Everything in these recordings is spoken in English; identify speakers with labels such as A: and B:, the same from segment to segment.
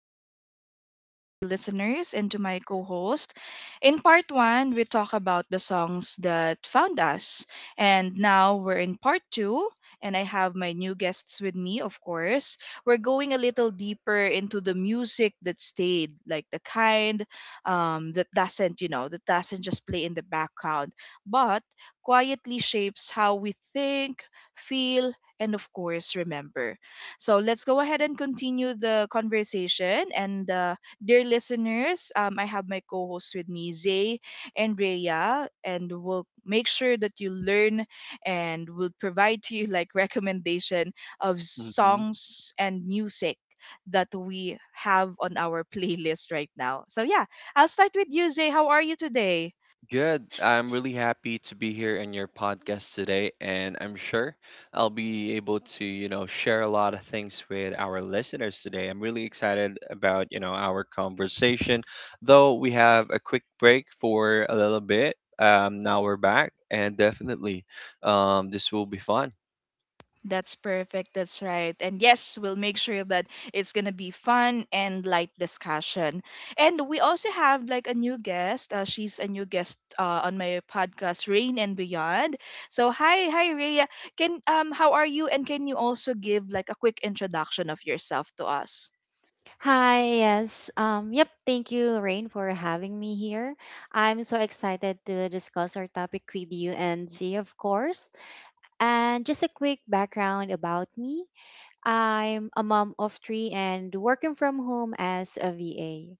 A: everyone, to our dear listeners and to my co host. In part one, we talk about the songs that found us. And now we're in part two, and I have my new guests with me, of course. We're going a little deeper into the music that stayed, like the kind that doesn't, you know, that doesn't just play in the background, but quietly shapes how we think, feel, and of course, remember. So let's go ahead and continue the conversation. And dear listeners, I have my co hosts with me, Zay and Rhea, and we'll make sure that you learn and we'll provide to you like recommendation of
B: hmm
A: songs and music that we have on our playlist right now. So yeah, I'll start with you, Zay. How are you today?
B: Good. I'm really happy to be here in your podcast today, and I'm sure I'll be able to, you know, share a lot of things with our listeners today. I'm really excited about, you know, our conversation. Though we have a quick break for a little bit, now we're back, and definitely, this will be fun.
A: That's perfect. That's right. And yes, we'll make sure that it's going to be fun and light discussion. And we also have like a new guest. She's a new guest on my podcast, Rain and Beyond. So, hi, Rhea. How are you? And can you also give like a quick introduction of yourself to us?
C: Hi, yes. Yep, thank you, Rain, for having me here. I'm so excited to discuss our topic with you and Z, of course. And just a quick background about me. I'm a mom of three and working from home as a VA.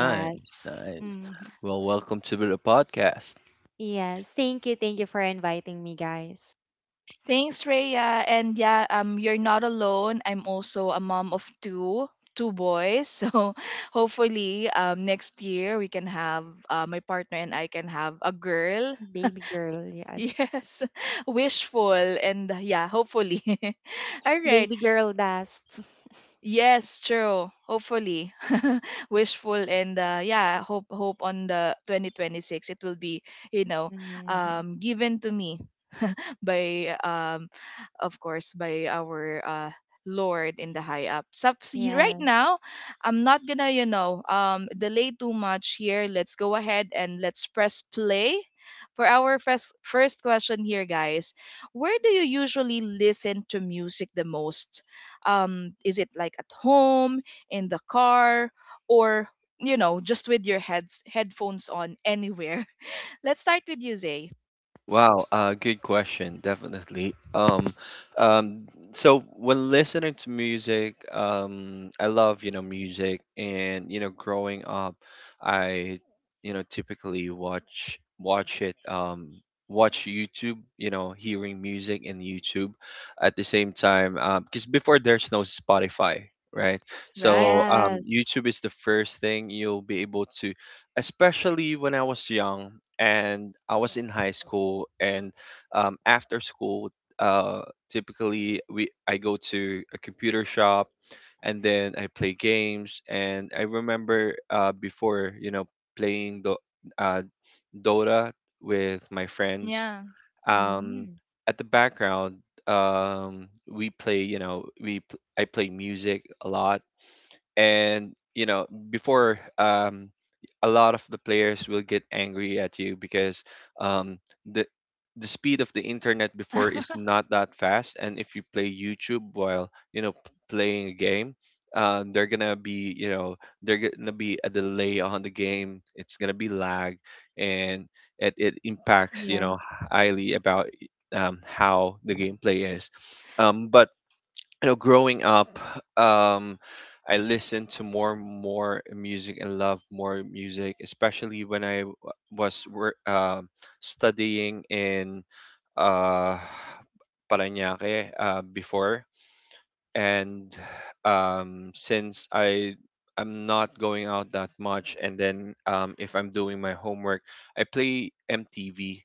C: Yes.
B: nice.
C: Mm,
B: Well, welcome to the podcast.
C: yes. Thank you. Thank you for inviting me, guys.
A: Thanks, Rhea. And yeah, you're not alone. I'm also a mom of two, two boys. So hopefully, next year we can have my partner and I can have a girl.
C: Baby girl, yes.
A: Yes, wishful and yeah, hopefully. All right.
C: Baby girl dust.
A: Yes, true. Hopefully, wishful and yeah, hope on the 2026 it will be you know
C: Mhm.
A: given to me by of course by our Lord in the high up. So see, right
C: Yes.
A: now, I'm not gonna, delay too much here. Let's go ahead and let's press play for our first question here, guys. Where do you usually listen to music the most? Is it like at home, in the car, or you know, just with your heads headphones on anywhere? Let's start with you, Zay.
B: Wow, good question, definitely. Um, so when listening to music, I love, you know, music and, you know, growing up, I, you know, typically watch it, watch YouTube, you know, hearing music in YouTube at the same time, because before there's no Spotify, right?
A: Right.
B: So,
C: Yes.
B: YouTube is the first thing you'll be able to, especially when I was young and I was in high school and after school. Uh, typically, we I go to a computer shop, and then I play games. And I remember before you know playing the uh, Dota with my friends.
A: Yeah.
B: Um,
C: Mhm.
B: at the background, we play you know I play music a lot and you know before a lot of the players will get angry at you because um the the speed of the internet before is not that fast, and if you play YouTube while you know playing a game, they're gonna be you know they're gonna be a delay on the game, it's gonna be lag, and it impacts you
C: Yes.
B: know highly about how the gameplay is. But you know growing up, um I listened to more and more music and love more music, especially when was studying in uh Parañaque before, and since I'm not going out that much, and then if I'm doing my homework, I play MTV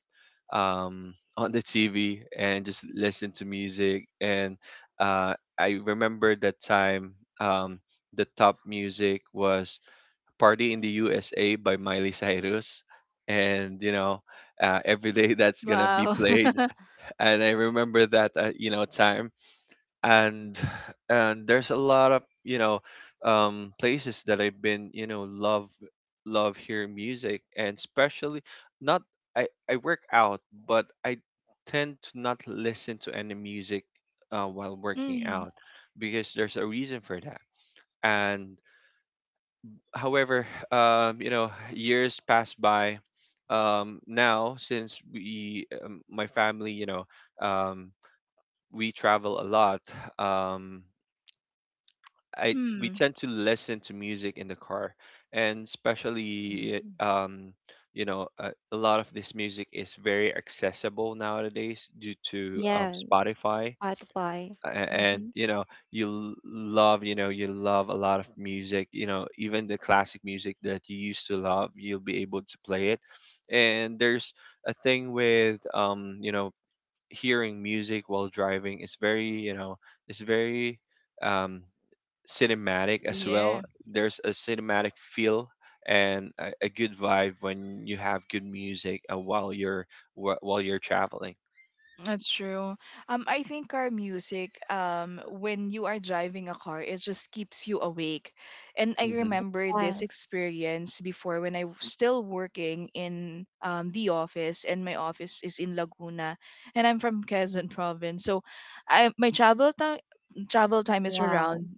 B: on the TV and just listen to music. And uh, I remember that time, um, the top music was "Party in the USA" by Miley Cyrus, and you know. Every day that's gonna be
A: Wow.
B: played, and I remember that you know time. And and there's a lot of you know places that I've been you know love hearing music. And especially not, I work out but I tend to not listen to any music while working
A: Mm.
B: out because there's a reason for that. And however, you know years pass by. Now since we my family you know, um we travel a lot. um I we
A: Mm.
B: tend to listen to music in the car, and especially,
C: Mm-hmm.
B: you know a lot of this music is very accessible nowadays due to
C: Yes,
B: Spotify.
C: Spotify.
B: And
C: Mm-hmm.
B: you know love you know you love a lot of music. You know even the classic music that you used to love, you'll be able to play it. And there's a thing with you know hearing music while driving is very you know it's very um, cinematic as well.
A: Yeah.
B: There's a cinematic feel and a good vibe when you have good music while you're while you're traveling.
A: That's true. I think our music, when you are driving a car, it just keeps you awake. And I
B: hmm
A: remember this
C: Yes.
A: experience before when I was still working in the office, and my office is in Laguna, and I'm from Quezon province. So, I my travel time is
C: Wow.
A: around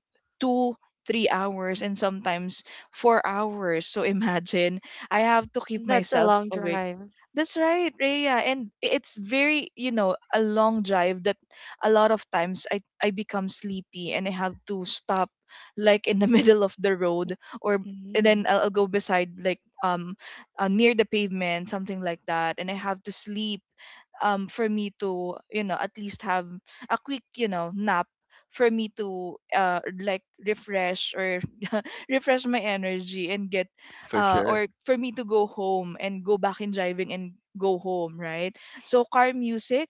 A: 2 3 hours and sometimes 4 hours, so imagine I have to keep
C: That's a
A: myself
C: long
A: awake.
C: drive.
A: That's right, Rhea. And it's very, you know, a long drive that a lot of times I become sleepy and I have to stop, like in the middle of the road, or and then
C: Hmm.
A: I'll go beside like near the pavement, something like that. And I have to sleep for me to, you know, at least have a quick, you know, nap for me to like refresh or refresh my energy and get
B: For sure.
A: or for me to go home and go back in driving and go home, right? So car music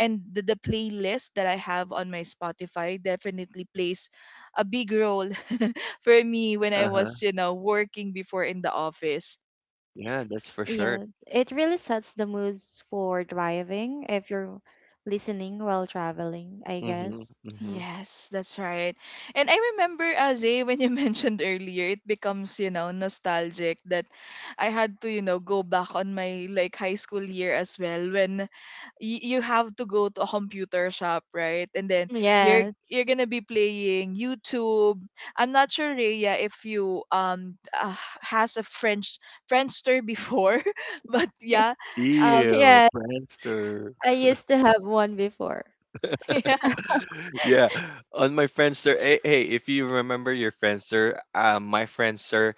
A: and the playlist that I have on my Spotify definitely plays a big role for me when I
B: Uh huh.
A: was, you know, working before in the office.
B: Yeah, that's for sure.
C: Yes, it really sets the moods for driving if you're listening while traveling, I
B: Mm-hmm.
C: guess.
B: Mm-hmm.
A: Yes, that's right. And I remember, Azay, when you mentioned earlier, it becomes, you know, nostalgic that I had to, you know, go back on my like high school year as well you have to go to a computer shop, right? And then you're
C: Yes.
A: you're gonna be playing YouTube. I'm not sure, Rhea, if you has a Frenchster before, but yeah, um.
B: Ew,
C: Yeah,
B: Friendster.
C: I used to have one before.
B: Yeah, on my Friendster. Hey, hey, if you remember your Friendster, my Friendster,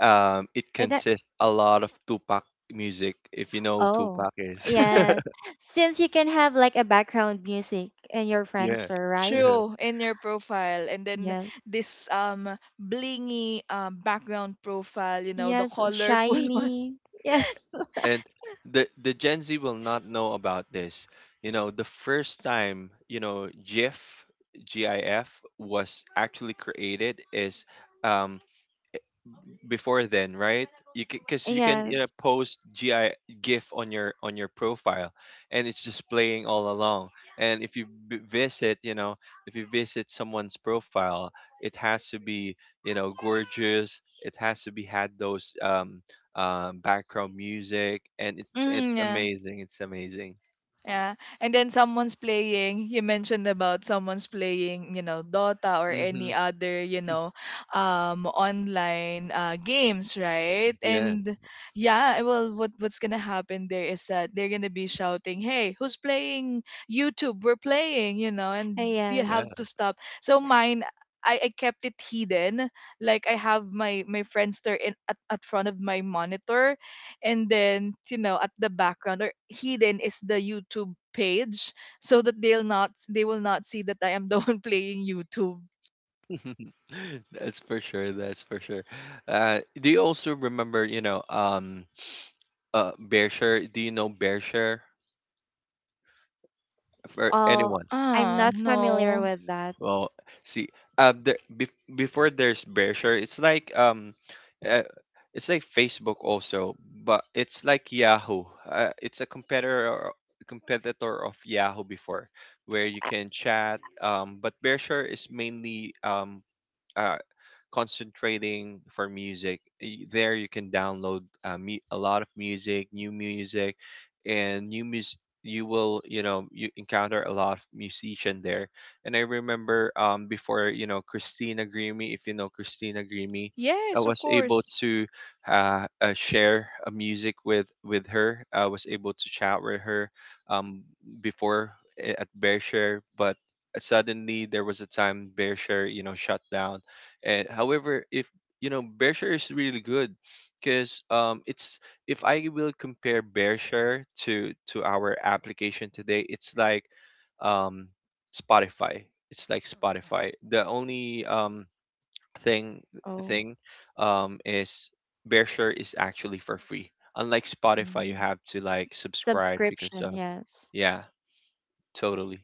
B: it
C: And that,
B: consists a lot of Tupac music. If you know who
C: oh,
B: Tupac is.
C: yes. Since you can have like a background music and your
B: Yeah.
C: friends are right.
B: Yeah.
A: True, in your profile. And then
C: Yes.
A: this blingy background profile, you know, the
C: Yes,
A: colorful one.
C: shiny. Yes.
B: And the Gen Z will not know about this. You know, the first time you know GIF was actually created is, um, before then, right? You because you can you know,
C: Yes.
B: post GI GIF on your profile, and it's just playing all along. And if you visit, you know, if you visit someone's profile, it has to be you know gorgeous. It has to be had those background music, and
A: Mm,
B: it's
A: yeah.
B: amazing. It's amazing.
A: Yeah. And then someone's playing, you mentioned about someone's playing, you know, Dota or
B: Mm-hmm.
A: any other, you know, online games, right?
B: Yeah,
A: And yeah, well, what's going to happen there is that they're going to be shouting, "Hey, who's playing YouTube? We're playing," you know, and you have
C: Yes.
B: yeah.
A: to stop. So mine, I kept it hidden, like I have my friendster in at front of my monitor, and then you know at the background or hidden is the YouTube page, so that they will not see that I am the one playing YouTube.
B: That's for sure. That's for sure. Do you also remember, you know, Bearshare. Do you know Bearshare for
C: Oh,
B: anyone?
C: I'm
A: Ah,
C: not familiar
A: no.
C: with that.
B: Well, see, uh, there, be, before there's Bearshare, uh, it's like Facebook also, but it's like Yahoo. It's a competitor of Yahoo before, where you
C: Uh,
B: can chat. But Bearshare is mainly Uh, concentrating for music. There you can download a lot of music, new music. You will, you know, you encounter a lot of musician there. And I remember before, you know, Christina Grimmie, if you know Christina Grimmie, I
A: Yes, of
B: was able
A: course.
B: to share a music with her. I was able to chat with her, um, before at Bearshare. But suddenly there was a time Bearshare, you know, shut down. And however, if you know, Bearshare is really good because, it's if I will compare Bearshare to our application today, it's like, um, Spotify. It's like Spotify. The only, thing
C: Oh,
B: thing, is Bearshare is actually for free. Unlike Spotify, you
C: mm.
B: have to like subscribe because
C: Subscription.
B: of
C: Yes.
B: yeah, totally.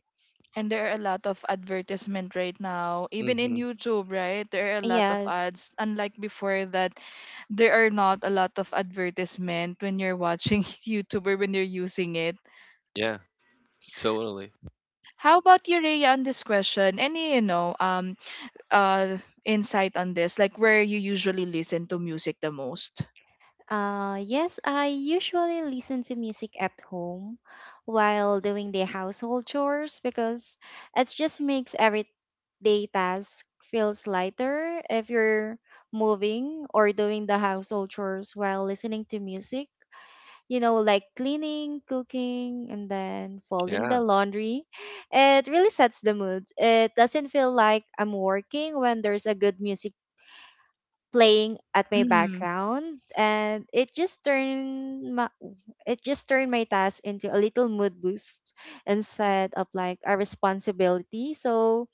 A: And there are a lot of advertisement right now, even in
B: Mm-hmm.
A: YouTube, right? There are a lot of
C: Yes.
A: ads, unlike before, that there are not a lot of advertisement when you're watching YouTube or when you're using it.
B: Yeah, totally.
A: How about you, Rhea, on this question, any you know uh insight on this, like where you usually listen to music the most?
C: Yes, I usually listen to music at home while doing the household chores because it just makes every day task feels lighter if you're moving or doing the household chores while listening to music. You know, like cleaning, cooking, and then folding
B: Yeah,
C: the laundry. It really sets the mood. It doesn't feel like I'm working when there's a good music playing at my
A: Mm,
C: background, and it just turned my task into a little mood boost instead of like a responsibility, so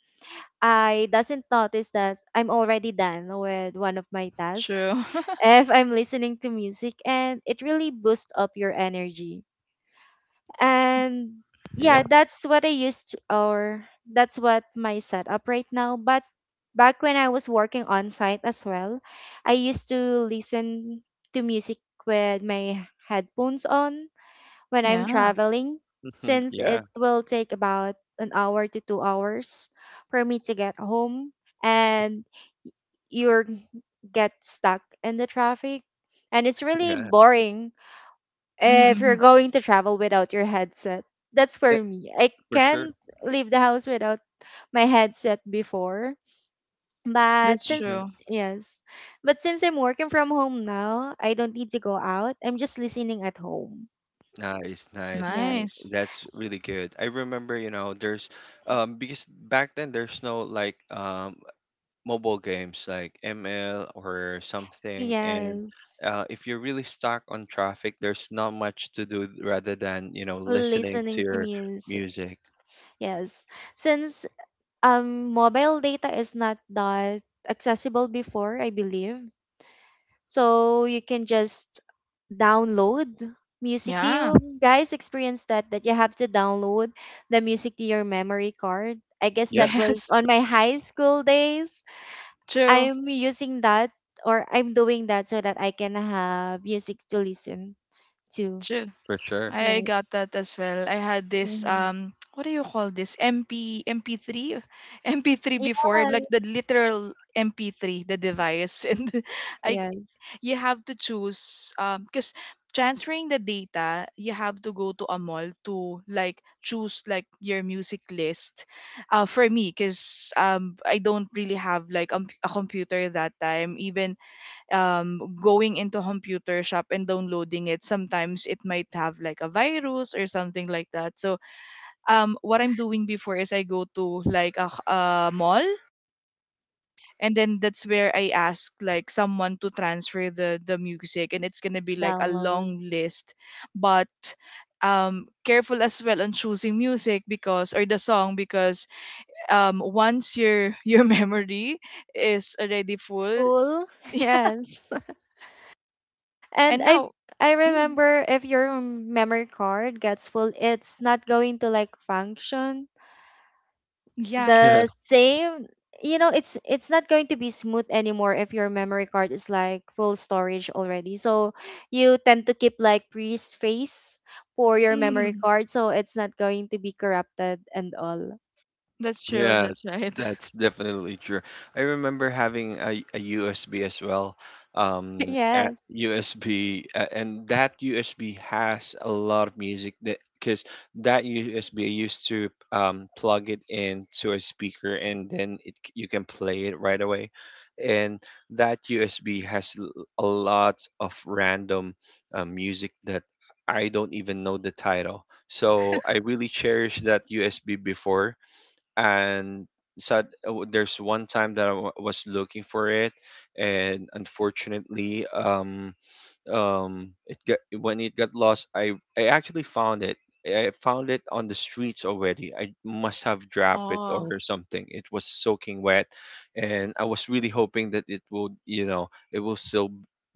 C: I doesn't notice that I'm already done with one of my tasks
A: true.
C: if I'm listening to music, and it really boosts up your energy. And
B: yeah,
C: yeah, that's what I used to, or that's what my setup right now. But back when I was working on site as well, I used to listen to music with my headphones on when I'm
A: Yeah.
C: traveling,
B: mhm,
C: since it
B: yeah,
C: will take about an hour to 2 hours for me to get home, and you get stuck in the traffic and it's really
B: yeah,
C: boring if you're
A: Mm-hmm.
C: going to travel without your headset. That's
B: eh,
C: for me. I
B: for sure.
C: can't leave the house without my headset before. But
A: That's
B: hmm
C: since
A: true.
C: yes, but since I'm working from home now, I don't need to go out. I'm just listening at home.
B: Nice, nice.
C: Yes.
A: Nice.
B: That's really good. I remember, you know, there's because back then there's no like mobile games like ML or something. And
C: Yes.
B: if you're really stuck on traffic, there's not much to do rather than, you know, listening to
C: Listening to
B: your
C: music.
B: music.
C: Yes. Since mobile data is not that accessible before, I believe. So you can just download music. Do
A: Yeah.
C: you guys experience that that you have to download the music to your memory card? I guess
B: Yeah,
C: that was
A: Yes.
C: on my high school days.
A: True.
C: I'm using that or I'm doing that so that I can have music to listen to.
A: True.
B: for sure.
A: I
C: Yeah.
A: got that as well. I had this
C: Mm-hmm.
A: what do you call this, mp mp3 mp3 before, like
C: Yes.
A: the literal mp3, the device. and I
C: Yes.
A: You have to choose because transferring the data, you have to go to a mall to like choose like your music list. For me, because I don't really have like a computer that time. Even going into computer shop and downloading it, sometimes it might have like a virus or something like that. So what I'm doing before is I go to like a, a mall, and then that's where I ask like someone to transfer the music, and it's gonna be like a
C: Download.
A: long list. But careful as well on choosing music because, or the song, because once your your memory is already full.
C: Full. Yes. And
A: And
C: I
A: now, mm,
C: remember if your memory card gets full, it's not going to like function
A: yeah.
C: the same. You know, it's not going to be smooth anymore if your memory card is like full storage already. So you tend to keep like free space for your memory
A: Mm,
C: card, so it's not going to be corrupted and all.
A: that's true.
B: Yeah,
A: That's right.
B: that's definitely true. I remember having a USB as well. A
C: Yes,
B: USB, and that USB has a lot of music that because that USB used to, plug it into a speaker, and then you can play it right away. And that USB has a lot of random music that I don't even know the title. So I really cherished that USB before. And so there's one time that was looking for it, and unfortunately, it got when it got lost, I actually found it. I found it on the streets already. I must have dropped it
A: Oh.
B: or something. It was soaking wet, and I was really hoping that it would you know it will still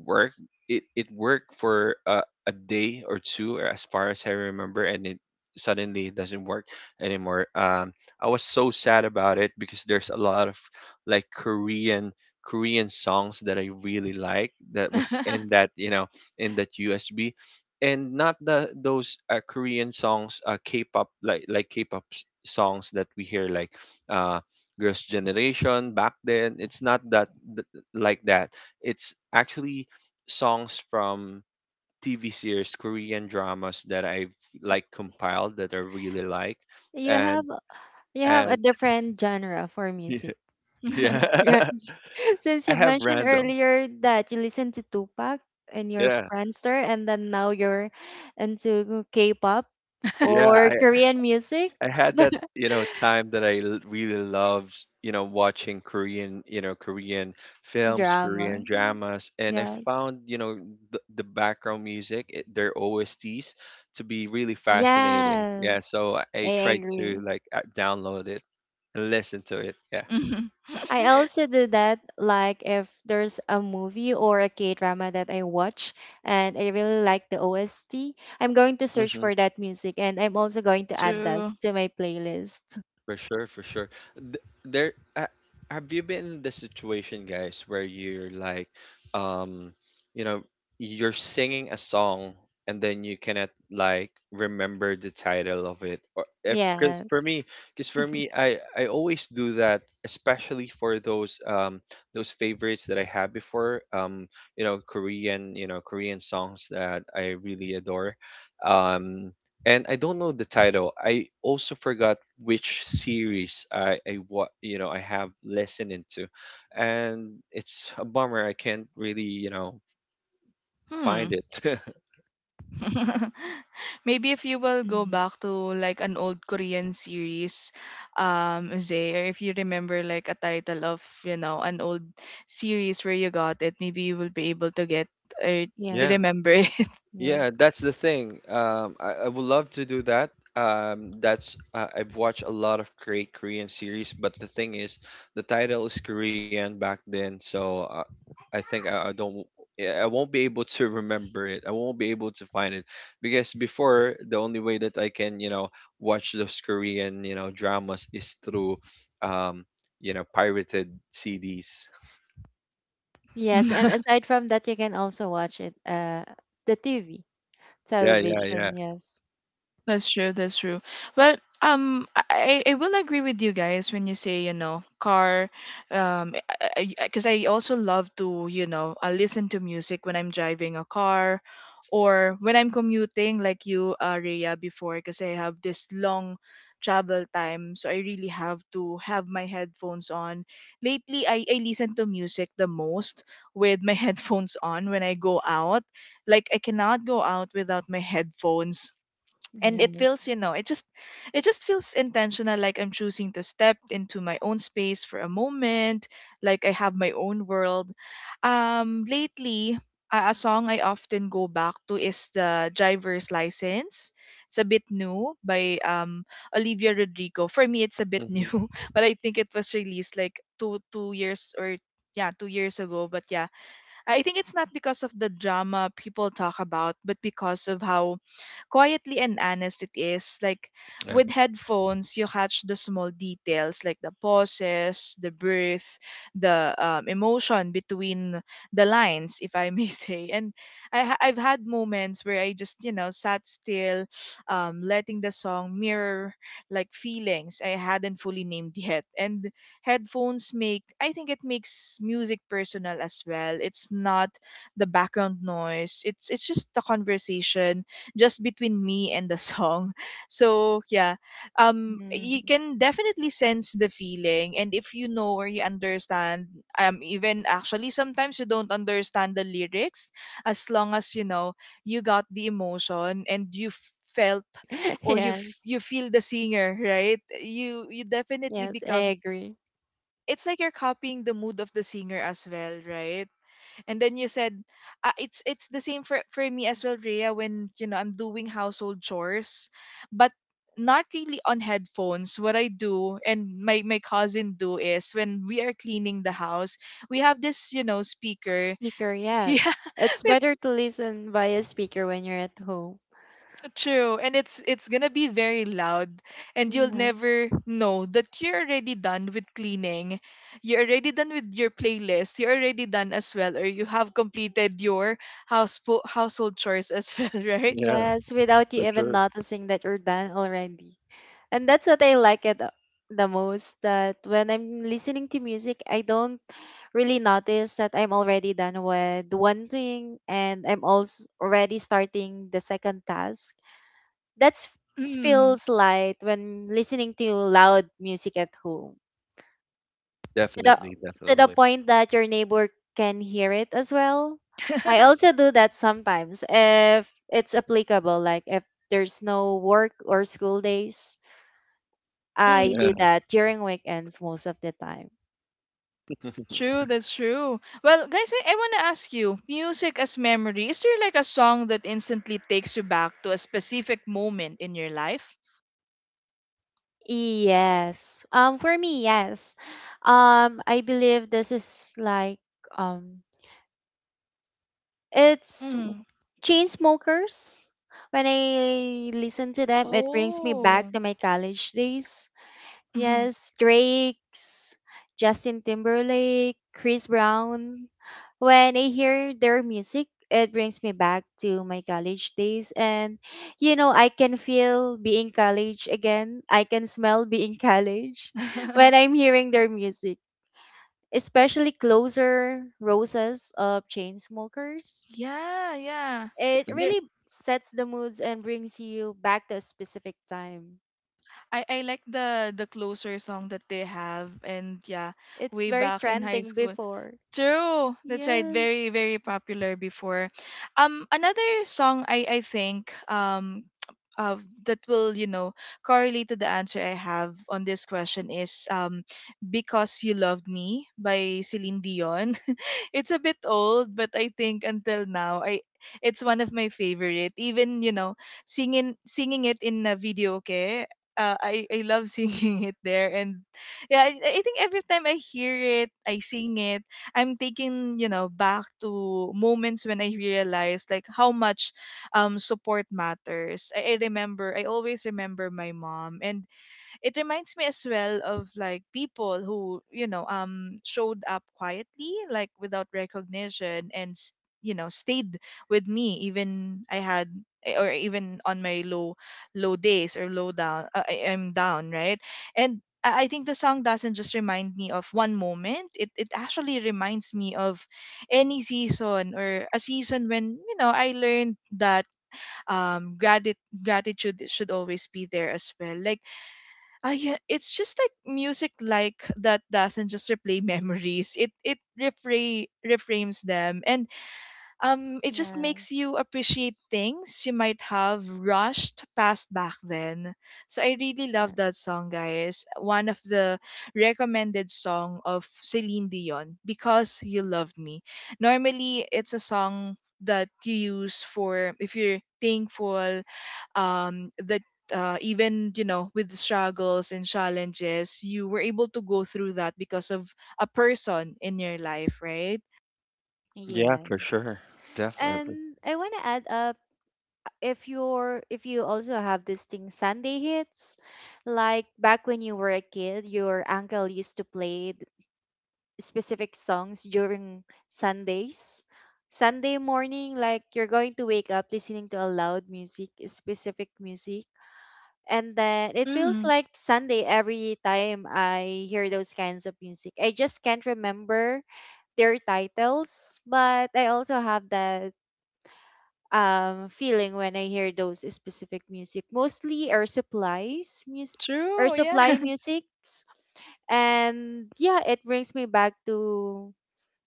B: work. It worked for, a day or two as far as I remember, and it suddenly it doesn't work anymore. I was so sad about it because there's a lot of like Korean songs that I really like that was in that you know in that USB. And not the those Korean songs, K-pop like K-pop songs that we hear like, uh, Girls' Generation back then. It's not that th- like that. It's actually songs from TV series, Korean dramas that I've like compiled that I really like.
C: you
B: And
C: have you have a
B: and
C: different genre for
B: yeah,
C: music.
B: yeah.
C: Yes. Since
B: I
C: you
B: have
C: mentioned
B: random.
C: earlier that you listen to Tupac and your
B: Yeah.
C: Friendster, and then now you're into K-pop
B: Yeah,
C: or
B: I
C: Korean music,
B: had that, you know, time that really loved, you know, watching Korean, you know, Korean films, Korean
C: drama.
B: dramas, and I
C: Yes.
B: found, you know, the background music, their OSTs, to be really fascinating. Yeah,
C: Yes,
B: so
C: I
B: I tried to
C: agree.
B: like download it and listen to it. Yeah.
A: Mhm.
C: I also do that, like if there's a movie or a K-drama that I watch and I really like the OST, I'm going to search
B: Mm-hmm.
C: for that music and I'm also going to add that
A: True.
C: to my playlist.
B: For sure, for sure. Th- There, uh, have you been in the situation, guys, where you're like, um, you know, you're singing a song and then you cannot like remember the title of it, or if because for me, because for me, I always do that, especially for those favorites that I had before, you know, Korean songs that I really adore. Um, and I don't know the title. I also forgot which series I what you know I have listened into, and it's a bummer. I can't really you know
A: Hmm.
B: find it.
A: Maybe if you will
C: Yeah.
A: go back to like an old Korean series, Zay, or if you remember like a title of, you know, an old series where you got it, maybe you will be able to get or to
B: Yeah.
C: Yes,
A: remember it.
C: yes,
B: Yeah, that's the thing. I would love to do that. That's I've watched a lot of great Korean series, but the thing is, the title is Korean back then, so I think I don't, yeah, I won't be able to remember it. I won't be able to find it because before the only way that I can, you know, watch those Korean, you know, dramas is through, um, you know, pirated CDs.
C: yes. And aside from that, you can also watch it, the TV,
B: Yeah, yeah,
C: television.
B: yeah.
C: Yes,
A: That's true. That's true. Well, I will agree with you guys when you say you know car, um, because I 'cause I also love to you know listen to music when I'm driving a car, or when I'm commuting like you, Rhea, before, because I have this long travel time, so I really have to have my headphones on. Lately, I listen to music the most with my headphones on when I go out. Like I cannot go out without my headphones, and it
C: yes,
A: feels you know, it just feels intentional, like I'm choosing to step into my own space for a moment. Like I have my own world. Lately, a song I often go back to is the driver's license. It's a bit new by Olivia Rodrigo. For me, it's a bit new,
B: hmm
A: but I think it was released like two years or, yeah, 2 years ago. But yeah, I think it's not because of the drama people talk about, but because of how quietly and honest it is. Like
B: Yeah,
A: with headphones, you catch the small details, like the pauses, the breath, the emotion between the lines, if I may say. And I've had moments where I just, you know, sat still, letting the song mirror like feelings I hadn't fully named yet. And headphones make I think it makes music personal as well. It's not the background noise. It's just the conversation just between me and the song. So yeah, you
C: mm.
A: can definitely sense the feeling, and if you know or you understand, even actually sometimes you don't understand the lyrics, as long as you know you got the emotion and you felt, or
C: Yes,
A: you feel the singer. Right, you definitely
C: yes. I
A: become,
C: agree.
A: it's like you're copying the mood of the singer as well, right? And then you said, it's it's the same for me as well, Rhea. When you know I'm doing household chores, but not really on headphones. What I do and my cousin do is when we are cleaning the house, we have this you know speaker.
C: Speaker,
A: Yeah,
C: yes. It's
A: with.
C: better to listen via speaker when you're at home.
A: True, and it's gonna be very loud, and you'll
C: Yes,
A: never know that you're already done with cleaning, you're already done with your playlist, you're already done as well, or you have completed your house household chores as well, right?
B: yeah,
C: yes, without you
B: for
C: even
B: sure.
C: noticing that you're done already. And that's what I like it the most, that when I'm listening to music, I don't really notice that I'm already done with one thing and I'm also already starting the second task. That
A: Mm.
C: feels light when listening to loud music at home. To the
B: Definitely,
C: to the
B: definitely.
C: point that your neighbor can hear it as well. I also do that sometimes if it's applicable, like if there's no work or school days. I do
A: Mm.
B: Yeah.
C: that during weekends most of the time.
A: True, that's true. Well, guys, I wanna ask you, music as memory, is there like a song that instantly takes you back to a specific moment in your life?
C: Yes. For me, yes. I believe this is like um it's
A: Mm.
C: Chain Smokers. When I listen to them, it brings me back
A: Oh.
C: to my college days. Yes, Drake's, Justin Timberlake, Chris Brown. When I hear their music, it brings me back to my college days. And, you know, I can feel being college again. I can smell being college when I'm hearing their music, especially Closer, Roses of Chainsmokers.
A: Yeah, yeah.
C: It
A: They,
C: really sets the moods and brings you back to a specific time.
A: I like the closer song that they have, and yeah,
C: It's
A: way
C: very
A: back in high
C: trending
A: school.
C: before.
A: True, that's right.
C: Yes.
A: Very, very popular before. Another song I think uh, that will correlate to the answer I have on this question is "Because You Loved Me" by Celine Dion. It's a bit old, but I think until now, I it's one of my favorite. Even singing it in a video, okay. I love singing it there, and yeah, I think every time I hear it, I sing it. I'm taking back to moments when I realized like how much support matters. I remember I always remember my mom, and it reminds me as well of like people who showed up quietly like without recognition and stayed with me even I had or even on my low days or low down, I'm down, right. And I think the song doesn't just remind me of one moment. It actually reminds me of any season or a season when I learned that gratitude should always be there as well. Like it's just like music like that doesn't just replay memories. It reframes them, and it just makes you
C: Yes.
A: appreciate things you might have rushed past back then. So I really love
C: Yes.
A: that song, guys. One of the recommended song of Celine Dion, Because You loved Me. Normally it's a song that you use for if you're thankful, that, even with struggles and challenges, you were able to go through that because of a person in your life, right?
B: Yeah, for
C: Yes.
B: sure. Definitely.
C: And I want to add up if you're if you also have this thing Sunday hits, like back when you were a kid, your uncle used to play specific songs during Sundays. Sunday morning, like you're going to wake up listening to a loud music, specific music. And then it feels
A: Mm,
C: like Sunday every time I hear those kinds of music. I just can't remember their titles, but I also have that feeling when I hear those specific music, mostly Air Supply's music, Air
A: true. Yeah.
C: Supply musics, and yeah, it brings me back to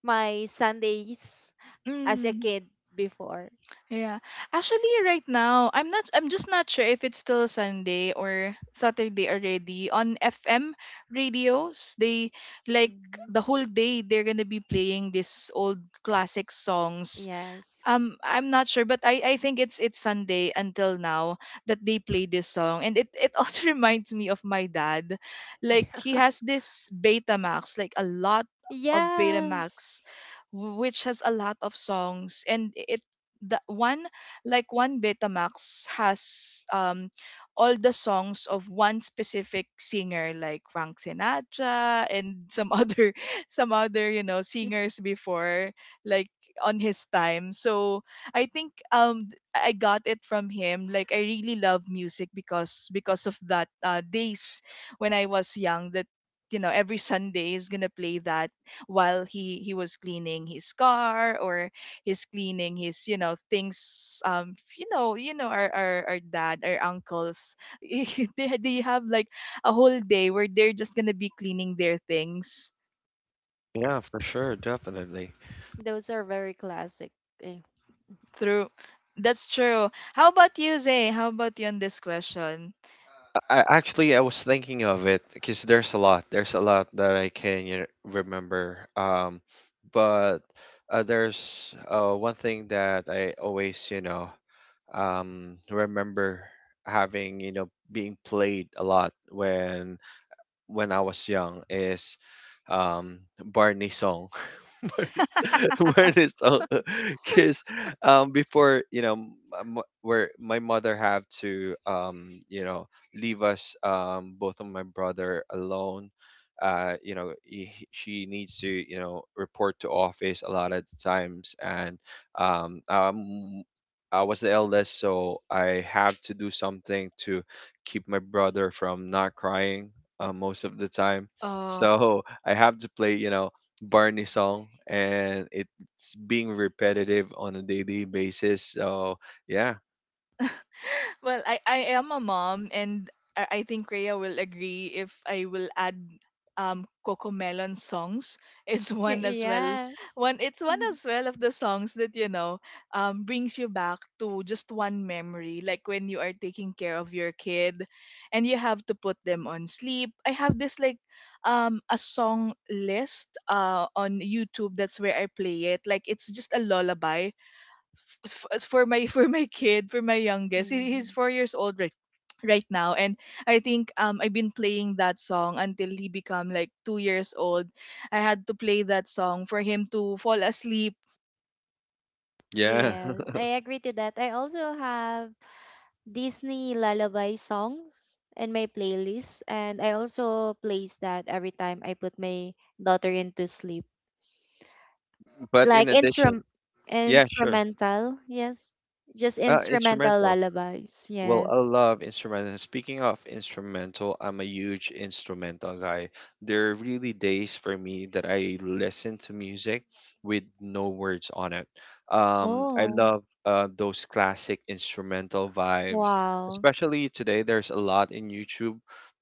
C: my Sundays as a
A: mm,
C: kid before.
A: yeah. Actually, right now, I'm not. I'm just not sure if it's still Sunday or Saturday already on FM radios. They, like,
C: Hmm.
A: the whole day they're gonna be playing these old classic songs.
C: Yes.
A: I'm not sure, but I think it's Sunday until now that they play this song, and it also reminds me of my dad. Like, he has this Betamax, like a lot of
C: Yes.
A: Betamax, which has a lot of songs, and it the one like one Betamax has all the songs of one specific singer like Frank Sinatra and some other singers before, like on his time. So I think I got it from him. Like, I really love music because of that, days when I was young that every Sunday is gonna play that while he was cleaning his car, or he's cleaning his things, our dad, our uncles, they have like a whole day where they're just gonna be cleaning their things.
B: Yeah, for sure. Definitely.
C: Those are very classic. Eh.
A: True. That's true. How about you, Zay? How about you on this question?
B: Actually I was thinking of it because there's a lot. There's a lot that I can you know, remember. But there's one thing that I always, you know, remember having, you know, being played a lot when I was young is Barney song. Wear this all because before you know where my mother have to leave us both of my brother alone she needs to report to office a lot of times and um um I was the eldest so I have to do something to keep my brother from not crying, most of the time.
A: Oh.
B: So I have to play Barney song, and it's being repetitive on a daily basis. So yeah,
A: Well, I am a mom, and I think Rhea will agree if I will add Coco Melon songs is one as well.
C: Yes.
A: One it's one
C: Mm-hmm.
A: as well of the songs that brings you back to just one memory, like when you are taking care of your kid, and you have to put them on sleep. I have this, like, a song list on YouTube. That's where I play it. Like, it's just a lullaby, as for my for my kid, for my youngest. He's 4 years old right right now, and I think I've been playing that song until he become like 2 years old. I had to play that song for him to fall asleep.
B: yeah.
C: Yes, I agree to that. I also have Disney lullaby songs in my playlist, and I also plays that every time I put my daughter into sleep.
B: But
C: Like
B: in addition, yeah, sure.
C: instrumental, yes, just instrumental
B: Instrumental.
C: lullabies,
B: Well, I
C: yes.
B: love instrumental. Speaking of instrumental, I'm a huge instrumental guy. There are really days for me that I listen to music with no words on it. I
C: Oh,
B: love those classic instrumental vibes,
C: wow.
B: especially today. There's a lot in YouTube.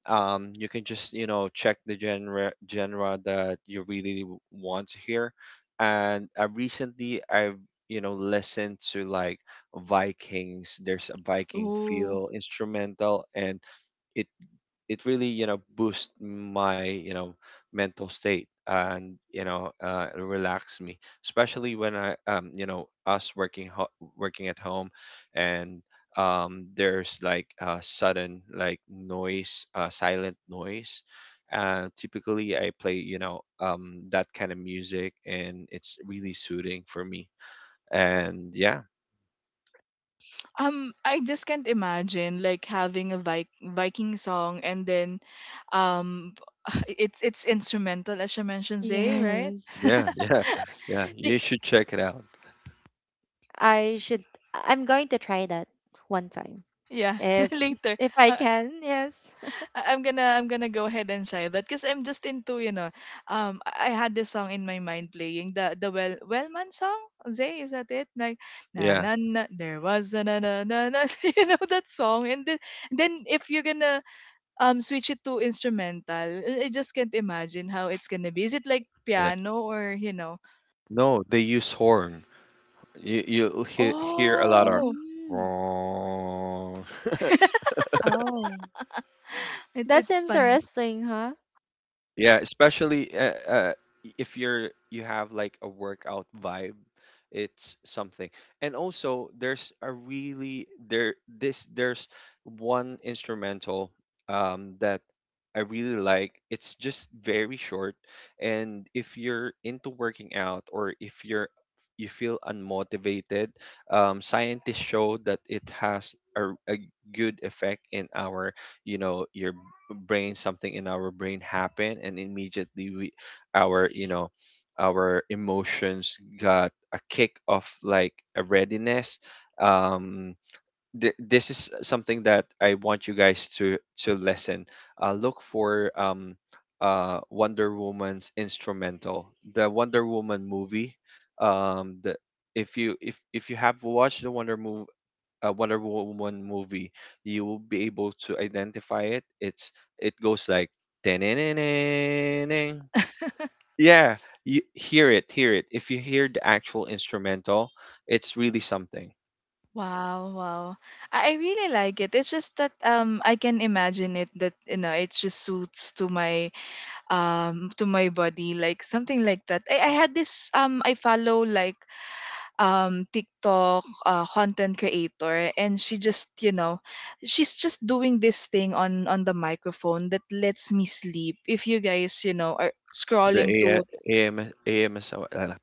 B: You can just, you know, check the genre that you really want to hear. And recently, I've, you know, listened to like Vikings. There's a Viking
A: Ooh.
B: feel instrumental, and it it really you know boost my you know mental state, and you know relax me, especially when I you know us working working at home, and there's like sudden like noise, silent noise. Typically, I play you know that kind of music, and it's really soothing for me and yeah.
A: I just can't imagine like having a Viking song, and then um it's instrumental, as you mentioned, Zay, right?
C: Yes.
B: Yeah, yeah, yeah.
C: Be-
B: You should check it out.
C: I should, I'm going to try that one time
A: Yeah.
C: if
A: Later.
C: I
A: Uh,
C: can, yes.
A: I'm gonna go ahead and try that, because I'm just into, I had this song in my mind playing the Wellman song. Jose, is that it? Like, na
B: Yeah,
A: na na, there was a na na na na. You know that song, and then if you're gonna switch it to instrumental, I just can't imagine how it's gonna be. Is it like
B: yeah.
A: piano or you know?
B: No, they use horn. You'll hear a lot of
A: Oh,
C: Mm. Oh,
A: it's
C: that's
A: it's funny.
C: interesting, huh.
B: yeah, especially if you're you have like a workout vibe. It's something, and also there's a really there's one instrumental that I really like. It's just very short, and if you're into working out or if you're you feel unmotivated, scientists show that it has a good effect in our you know your brain. Something in our brain happen and immediately we our you know our emotions got a kick of like a readiness. um this is something that I want you guys to listen. Look for Wonder Woman's instrumental, the Wonder Woman movie. The If you if you have watched the Wonder Woman movie, you will be able to identify it. It's, it goes like yeah, you hear it. If you hear the actual instrumental, it's really something.
A: Wow, wow. I really like it. It's just that I can imagine it, that it just suits to my body, like something like that. I had this, I follow like TikTok content creator, and she just she's just doing this thing on the microphone that lets me sleep. If you guys are
B: The
A: scrolling to
B: A- AM, AMSR,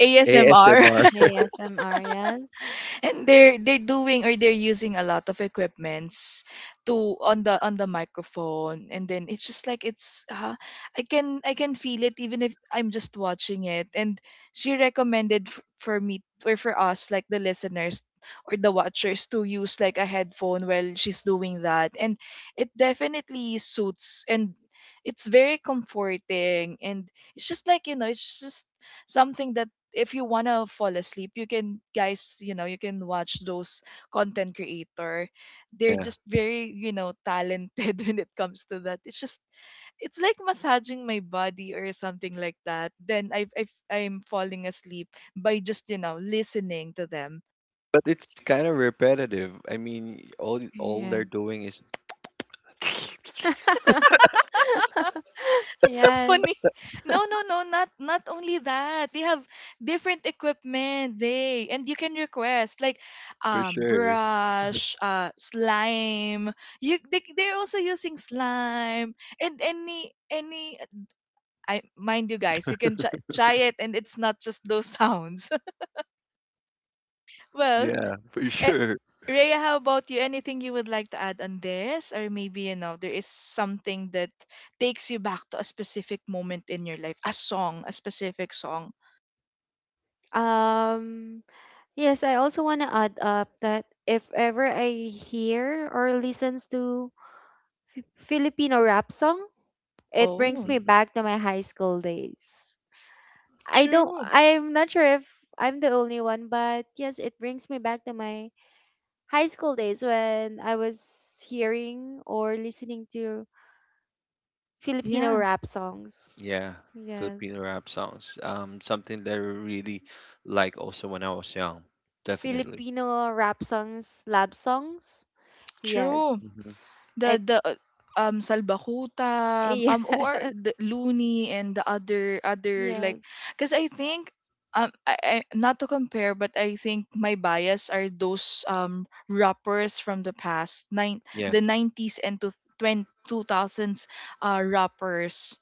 A: ASMR
B: ASMR.
C: Yeah, ASMR, yes.
A: and they're doing, or they're using a lot of equipments to on the microphone, and then it's just like it's I can feel it even if I'm just watching it. And she recommended, for me or for us, like the listeners or the watchers, to use like a headphone while she's doing that, and it definitely suits, and it's very comforting, and it's just like it's just something that if you want to fall asleep, you can, guys, you can watch those content creator. They're
B: Yeah,
A: just very talented when it comes to that. It's just, it's like massaging my body or something like that. Then I'm falling asleep by just listening to them.
B: but it's kind of repetitive. I mean, all
C: Yeah.
B: they're doing is
A: That's so funny.
C: Yes.
A: No, no, no, not only that. They have different equipment. They and you can request, like,
B: for sure.
A: brush, slime. You They're also using slime, and any I mind you, guys, you can try it, and it's not just those sounds. Well,
B: Yeah, for sure.
A: Rhea, how about you? Anything you would like to add on this? Or maybe, there is something that takes you back to a specific moment in your life, a song, a specific song.
C: um Yes, I also want to add up that if ever I hear or listens to Filipino rap song, it brings
A: Oh,
C: me
B: Mhm.
C: back to my high school days.
A: true.
C: I'm not sure if I'm the only one, but yes, it brings me back to my high school days when I was hearing or listening to Filipino
A: Yeah,
C: rap songs.
B: Yeah, Filipino
C: Yes.
B: rap songs. Something that I really like also when I was young. Definitely.
C: Filipino rap songs, lab songs.
A: true.
C: Yes.
B: Hmm.
A: the
C: It
A: the uh, um Salbakuta,
C: Yeah.
A: who are the Looney, and the other,
C: Yes.
A: like, because I think I, not to compare, but I think my bias are those rappers from the past, nine
B: Yeah,
A: the 90s and to twenty two thousands rappers.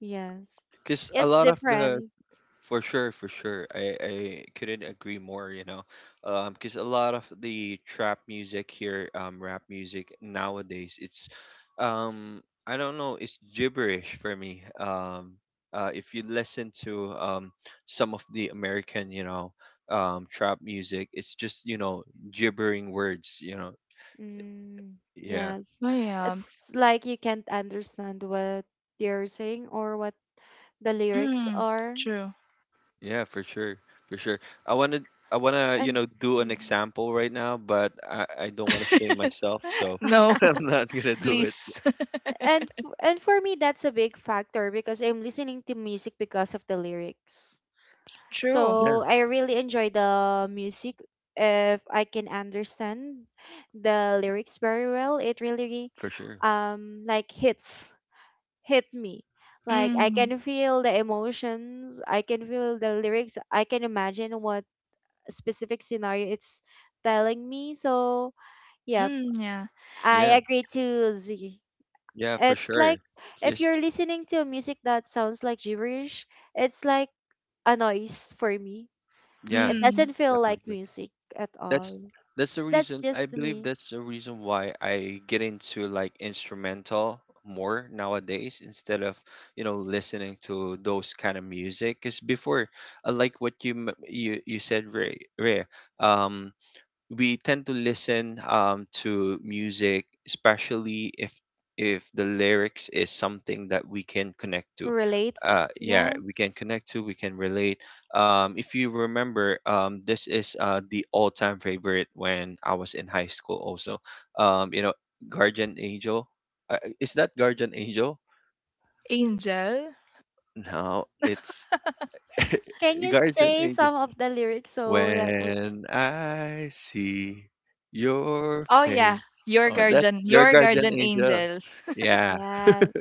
C: Yes.
B: because a
C: It's
B: lot of the
C: different.
B: for sure, for sure. I couldn't agree more, you know. 'Cause because a lot of the trap music here, rap music nowadays, it's I don't know, it's gibberish for me. If you listen to some of the American, you know, trap music, it's just, you know, gibbering words, you know.
C: Mm,
B: Yeah.
C: yes.
A: Oh yeah.
C: It's like you can't understand what you're saying or what the lyrics
A: Mm,
C: are.
A: true.
B: Yeah, for sure. For sure. I wanna I wanna, you
C: And
B: know, do an
C: mhm.
B: example right now, but I don't wanna shame myself, so
A: No.
B: I'm not gonna do it.
A: Please.
C: and f- and for me, that's a big factor because I'm listening to music because of the lyrics.
A: True.
B: Yeah,
C: So I really enjoy the music if I can understand the lyrics very well. It really
B: for sure.
C: um like hits hit me. Like I
A: Mm,
C: can feel the emotions, I can feel the lyrics, I can imagine what specific scenario it's telling me. So, yeah,
A: mm, yeah.
C: I
B: Yeah,
C: agree to Z.
B: yeah, for
C: It's like
B: sure.
C: if
B: Yes,
C: you're listening to music that sounds like gibberish, it's like a noise for me.
B: yeah,
C: It
A: Mm.
C: doesn't feel like
B: definitely.
C: music at
B: That's
C: all.
B: that's the
C: That's
B: reason I
C: just
B: believe
C: me.
B: that's the reason why I get into like instrumental more nowadays instead of you know listening to those kind of music. Because before, I like what you you you said, Ray, Ray. Um, we tend to listen to music, especially if the lyrics is something that we can connect to.
C: Relate?
B: Yeah, we can
C: Yes.
B: connect to, we can relate. If you remember, this is the all-time favorite when I was in high school. Also, you know, Guardian Angel. Is that Guardian Angel?
A: Angel.
B: No, it's
C: Can you
B: Guardian
C: say some of the lyrics so that
B: when I see your
A: Oh yeah,
B: face. Oh, that's your
A: your
B: guardian
A: guardian
B: angel.
A: angel.
B: Yeah.
C: yes,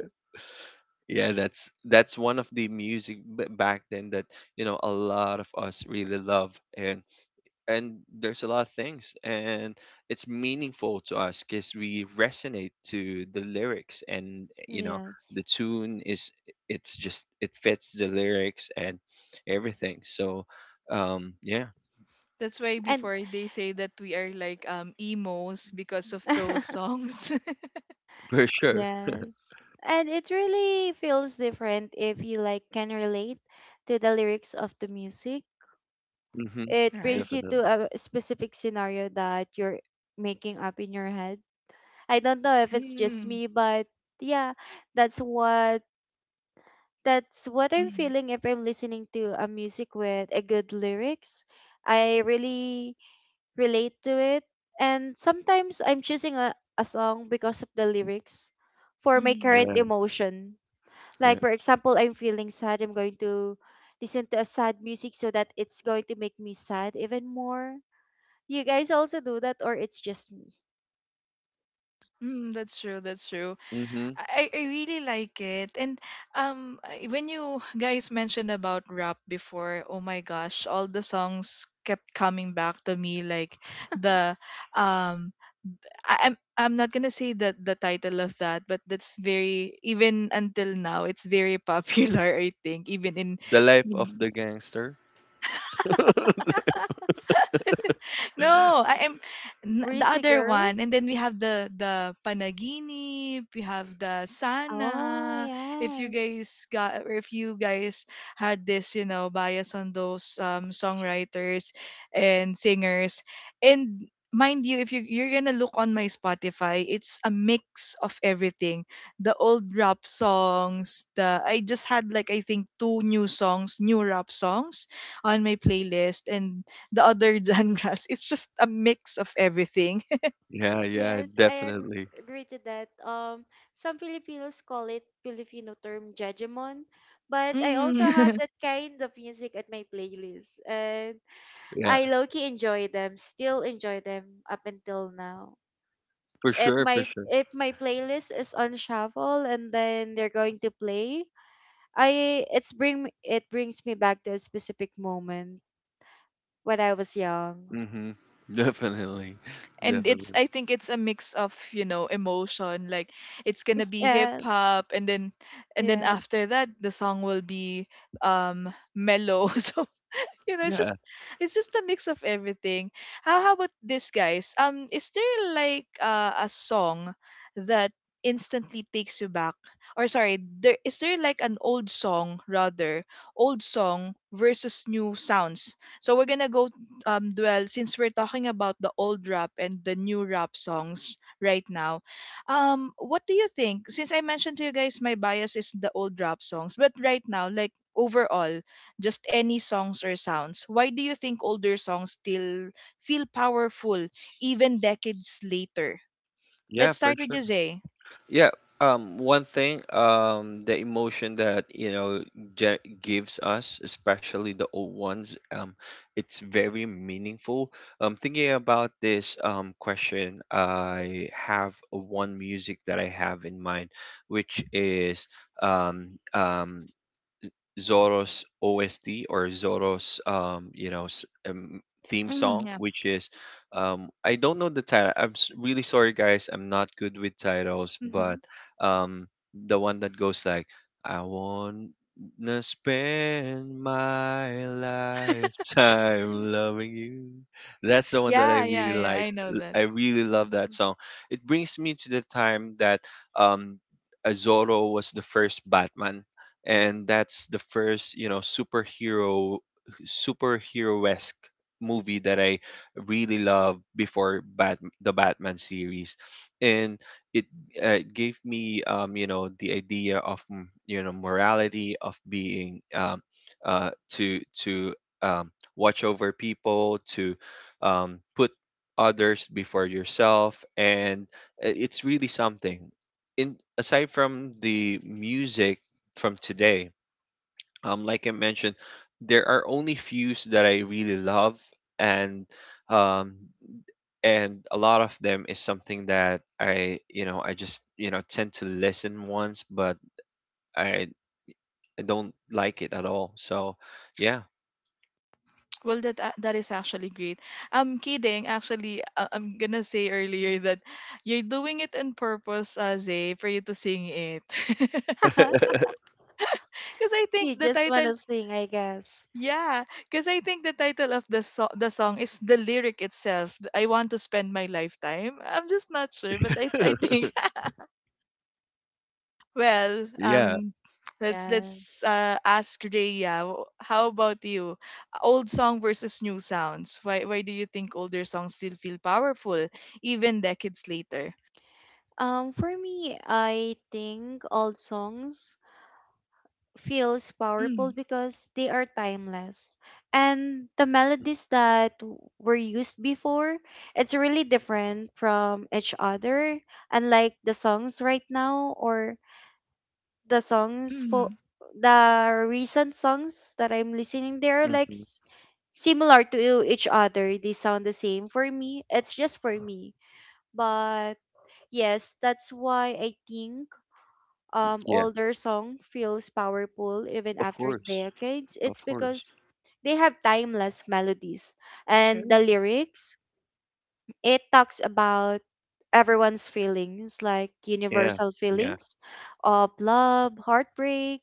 B: Yeah, that's one of the music back then that you know a lot of us really love, and there's a lot of things, and it's meaningful to us because we resonate to the lyrics and you know
C: yes.
B: the tune is it's just it fits the lyrics and everything so yeah.
A: That's why
C: And
A: before they say that we are like emos because of those songs.
B: For sure.
C: yes. And it really feels different if you like can relate to the lyrics of the music.
B: Mm-hmm.
C: It
A: Right.
C: brings you
B: Definitely.
C: to a specific scenario that you're making up in your head. I don't know if it's just
A: Mm,
C: me, but yeah, that's what I'm
A: mm,
C: feeling if I'm listening to a music with a good lyrics. I really relate to it. And sometimes I'm choosing a song because of the lyrics for my
A: mm, yeah.
C: current
B: Yeah.
C: emotion.
B: Yeah.
C: Like, for example, I'm feeling sad, I'm going to listen to a sad music so that it's going to make me sad even more. You guys also do that, or it's just me?
A: Mm, that's true. That's true.
B: Mm-hmm.
A: I really like it. And when you guys mentioned about rap before, oh my gosh, all the songs kept coming back to me. Like, the um, I, I'm not gonna say the title of that, but that's very, even until now, it's very popular. I think even in.
B: The life of the gangster.
A: No, I am, the
C: Breezy
A: other
C: Girls?
A: one. And then we have the panaginip, we have the
C: Oh,
A: sana. If you
C: yes.
A: guys got, or if you guys had this, bias on those songwriters and singers. And mind you, if you're gonna look on my Spotify, it's a mix of everything. The old rap songs, the I just had like, I think, two new songs, new rap songs on my playlist, and the other genres. It's just a mix of everything.
B: Yeah, yeah,
C: Yes,
B: definitely.
C: agree to that. Some Filipinos call it Filipino term jajamon, but I also have
A: Mm.
C: that kind of music at my playlist, and
B: Yeah.
C: I low-key enjoy them. Still enjoy them up until now.
B: For
C: If
B: sure, for
C: my
B: sure.
C: if my playlist is on shuffle and then they're going to play, I it's bring it brings me back to a specific moment when I was young.
B: Mm-hmm. Definitely.
A: And it's
B: Definitely.
A: I think it's a mix of, emotion. Like, it's gonna be hip
C: Yes,
A: hop, and then
C: yes.
A: after that the song will be mellow so you know it's just
B: Yeah.
A: it's just a mix of everything. How about this, guys? Is there like, a song that instantly takes you back? Or, sorry, there, like, an old song rather, old song versus new sounds. So we're gonna go, dwell, since we're talking about the old rap and the new rap songs right now. What do you think? Since I mentioned to you guys my bias is the old rap songs, but right now, like overall, just any songs or sounds, why do you think older songs still feel powerful even decades later?
B: Yeah,
A: Let's
B: for
A: start with
B: sure.
A: Jose.
B: Yeah, one thing, the emotion that you know ge gives us, especially the old ones, it's very meaningful. Thinking about this question, I have one music that I have in mind, which is um um Zorro's OST or Zorro's you know theme
A: Mm,
B: song,
A: yeah.
B: which is I don't know the title. I'm really sorry, guys. I'm not good with titles,
C: Hmm.
B: but um, the one that goes like I wanna spend my lifetime loving you. That's the one that I
A: Yeah,
B: really
A: yeah, yeah,
B: like.
A: I know that.
B: I really love that song. It brings me to the time that um, Zorro was the first Batman, and that's the first you know superhero superhero-esque movie that I really love before Batman series, and it gave me you know the idea of you know morality of being uh to um watch over people to put others before yourself. And it's really something in aside from the music from today. Like I mentioned, there are only fews that I really love, and um, and a lot of them is something that I you know I just you know tend to listen once, but I I don't like it at all. So yeah,
A: Well, that is actually great. I'm kidding. Actually, I'm gonna say earlier that you're doing it on purpose, Zay, for you to sing it. Because I
C: You
A: think the
C: just want
A: title,
C: to sing, I guess.
A: yeah, because I think the title of the song is the lyric itself. I want to spend my lifetime. I'm just not sure, but I think. Well,
B: yeah,
A: let's
C: Yes.
A: ask Rhea. How about you? Old song versus new sounds. Why do you think older songs still feel powerful even decades later?
C: For me, I think all songs feels powerful
A: Mm,
C: because they are timeless. And the melodies that were used before, it's really different from each other. Unlike the songs right now or the songs for
A: mm,
C: the recent songs that I'm listening, they are like
B: hmm
C: similar to each other. They sound the same. For me, it's just for me. But yes, that's why I think
B: yeah.
C: older song feels powerful even
B: Of
C: after
B: course,
C: decades.
B: of
C: It's
B: course.
C: because they have timeless melodies, and the
A: true.
C: lyrics it talks about everyone's feelings, like
B: Yeah,
C: universal
B: yeah,
C: feelings of love, heartbreak,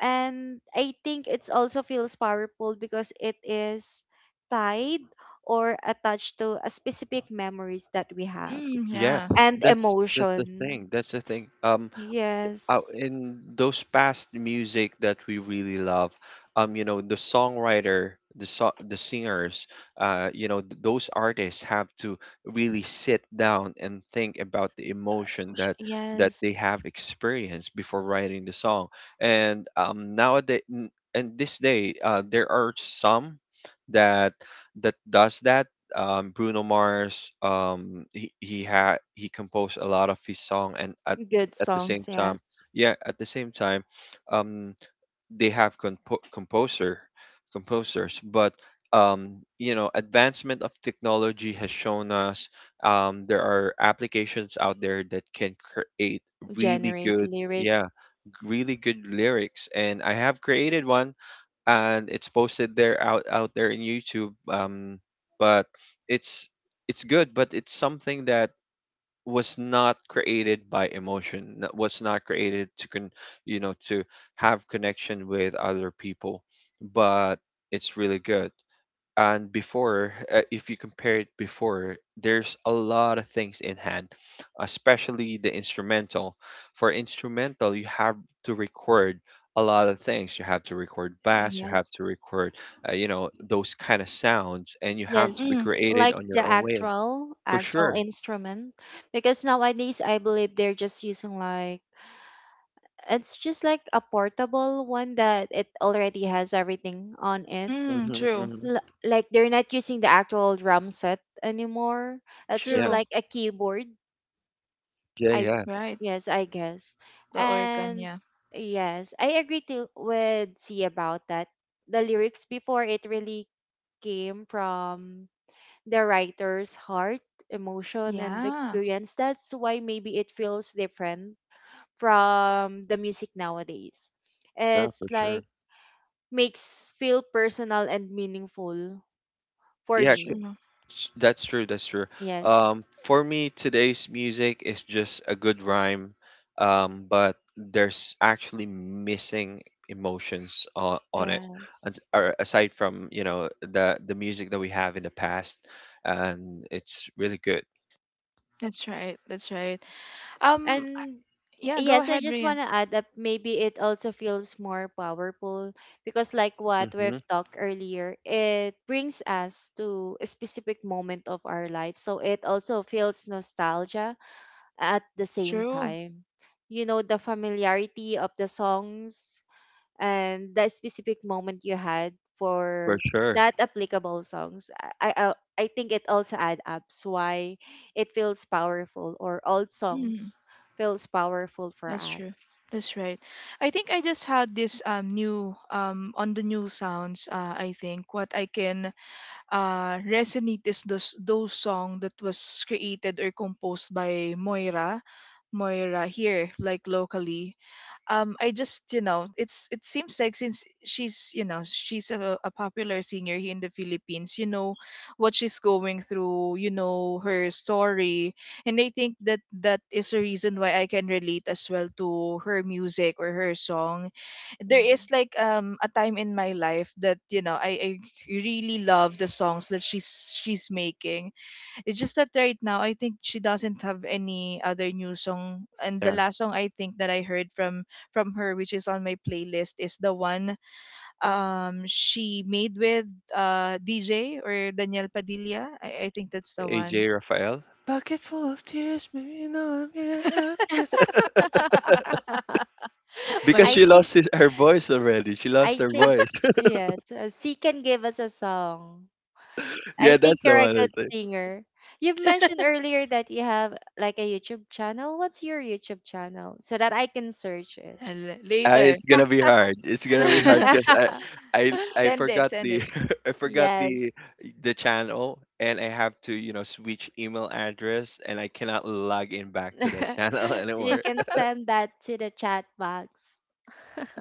C: and I think it's also feels powerful because it is tied or attached to a specific memories that we have
A: Mm,
B: yeah.
A: yeah.
C: and
B: That's the
C: emotion.
B: thing. That's the thing.
C: Yes.
B: In those past music that we really love, you know the songwriter, the singers, you know those artists have to really sit down and think about the emotion that that they
C: Yes.
B: have experienced before writing the song. And nowadays and this day, there are some that that does that. Um, Bruno Mars, he composed a lot of his song, and
C: Good
B: at the
C: songs,
B: same time,
C: yes.
B: yeah, at the same time, um they have composer composers. But you know advancement of technology has shown us there are applications out there that can create really
C: Generate
B: good,
C: lyrics.
B: yeah, really good lyrics. And I have created one, and it's posted there out there in YouTube. Um, but it's it's good, but it's something that was not created by emotion, was not created to con you know to have connection with other people. But it's really good. And before, if you compare it, before there's a lot of things in hand, especially the instrumental. For instrumental, you have to record a lot of things. You have to record bass, you have
C: Yes.
B: to record, you know, those kind of sounds, and you have
C: Yes.
B: to be
A: Mm,
B: created
C: Like
B: on
C: the
B: your own way
C: actual
B: for
C: actual
B: sure.
C: instrument. Because nowadays I believe they're just using like it's just like a portable one that it already has everything on it.
B: Hmm.
A: true.
B: Hmm.
C: L- like they're not using the actual drum set anymore. It's just
A: True.
C: like a keyboard.
B: Yeah,
C: I
B: yeah,
A: Right.
C: Yes, I guess.
A: The organ.
C: And
A: Yeah.
C: yes, I agree to with C about that. The lyrics before it really came from the writer's heart, emotion and
A: Yeah.
C: experience. That's why maybe it feels different from the music nowadays.
B: yeah, for
C: It's
B: sure.
C: like makes feel personal and meaningful for
B: Yeah,
C: me.
A: True.
B: that's true. That's true.
C: Yes.
B: For me, today's music is just a good rhyme, but there's actually missing emotions on it, as-
C: Yes.
B: or aside from, you know, the music that we have in the past, and it's really good.
A: That's right. That's right. Um. I-
C: And
A: Yeah. Go
C: yes, I
A: ahead,
C: just want
A: Rhea.
C: to add up. Maybe it also feels more powerful because, like what
B: Hmm.
C: we've talked earlier, it brings us to a specific moment of our life. So it also feels nostalgia at the same
A: True.
C: time. You know, the familiarity of the songs, and that specific moment you had
B: For
C: for
B: sure.
C: that applicable songs i i, I think it also adds up why it feels powerful or old songs feels powerful for
A: That's true.
C: us.
A: That's right. I think I just had this new on the new sounds. I think what I can resonate is those song that was created or composed by Moira, Moira here like locally I just it's it seems like since she's she's a popular singer here in the Philippines, what she's going through, her story. And I think that that is a reason why I can relate as well to her music or her song. There is
C: Hmm.
A: like a time in my life that I really love the songs that she's making. It's just that right now I think she doesn't have any other new song, and the
B: Yeah,
A: last song I think that I heard from her, which is on my playlist, is the one she made with DJ or Daniel Padilla. I think that's the one.
B: AJ Raphael. Bucket full of tears, maybe now I'm here. Uh, because
A: My
C: i
B: she
A: g-
C: think
B: lost his, her voice already. She lost
C: i
B: her
C: think
B: voice.
C: yes, C can give us a song. I
B: Yeah,
C: think
B: that's the
C: you're a
B: one.
C: good singer. You've mentioned earlier that you have like a YouTube channel. What's your YouTube channel so that I can search it?
A: l- later.
B: It's gonna be hard. It's gonna be hard because I
A: Send it,
B: forgot
A: send it.
B: the, I forgot
C: Yes.
B: the channel, and I have to, you know, switch email address, and I cannot log in back to the channel
C: You
B: anymore.
C: can send that to the chat box.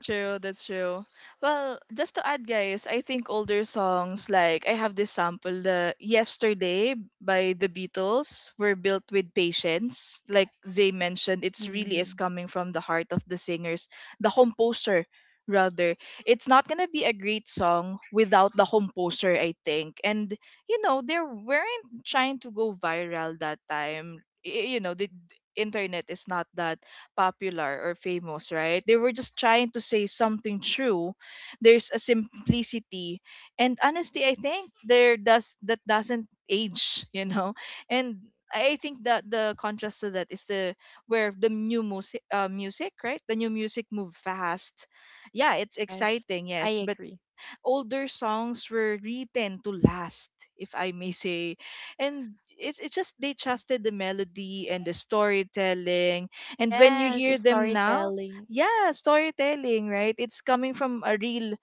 A: True, that's true. Well, just to add, guys, I think older songs, like I have this sample, the Yesterday by the Beatles, were built with patience. Like Zay mentioned, it's really is
C: Hmm.
A: coming from the heart of the singers, the composer, rather. It's not gonna be a great song without the composer, I think. And you know, they weren't trying to go viral that time. You know, the internet is not that popular or famous, right? They were just trying to say something true. There's a simplicity, and honestly, I think there does that doesn't age, you know. And I think that the contrast to that is the where the new music, right? The new music move fast. Yeah, it's
C: Yes,
A: exciting,
C: I
A: yes, but
C: agree.
A: older songs were written to last, if I may say. And it's just they trusted the melody and the storytelling. And when you
C: Yes,
A: hear
C: it's
A: them now,
C: storytelling.
A: yeah, storytelling, right? It's coming from a real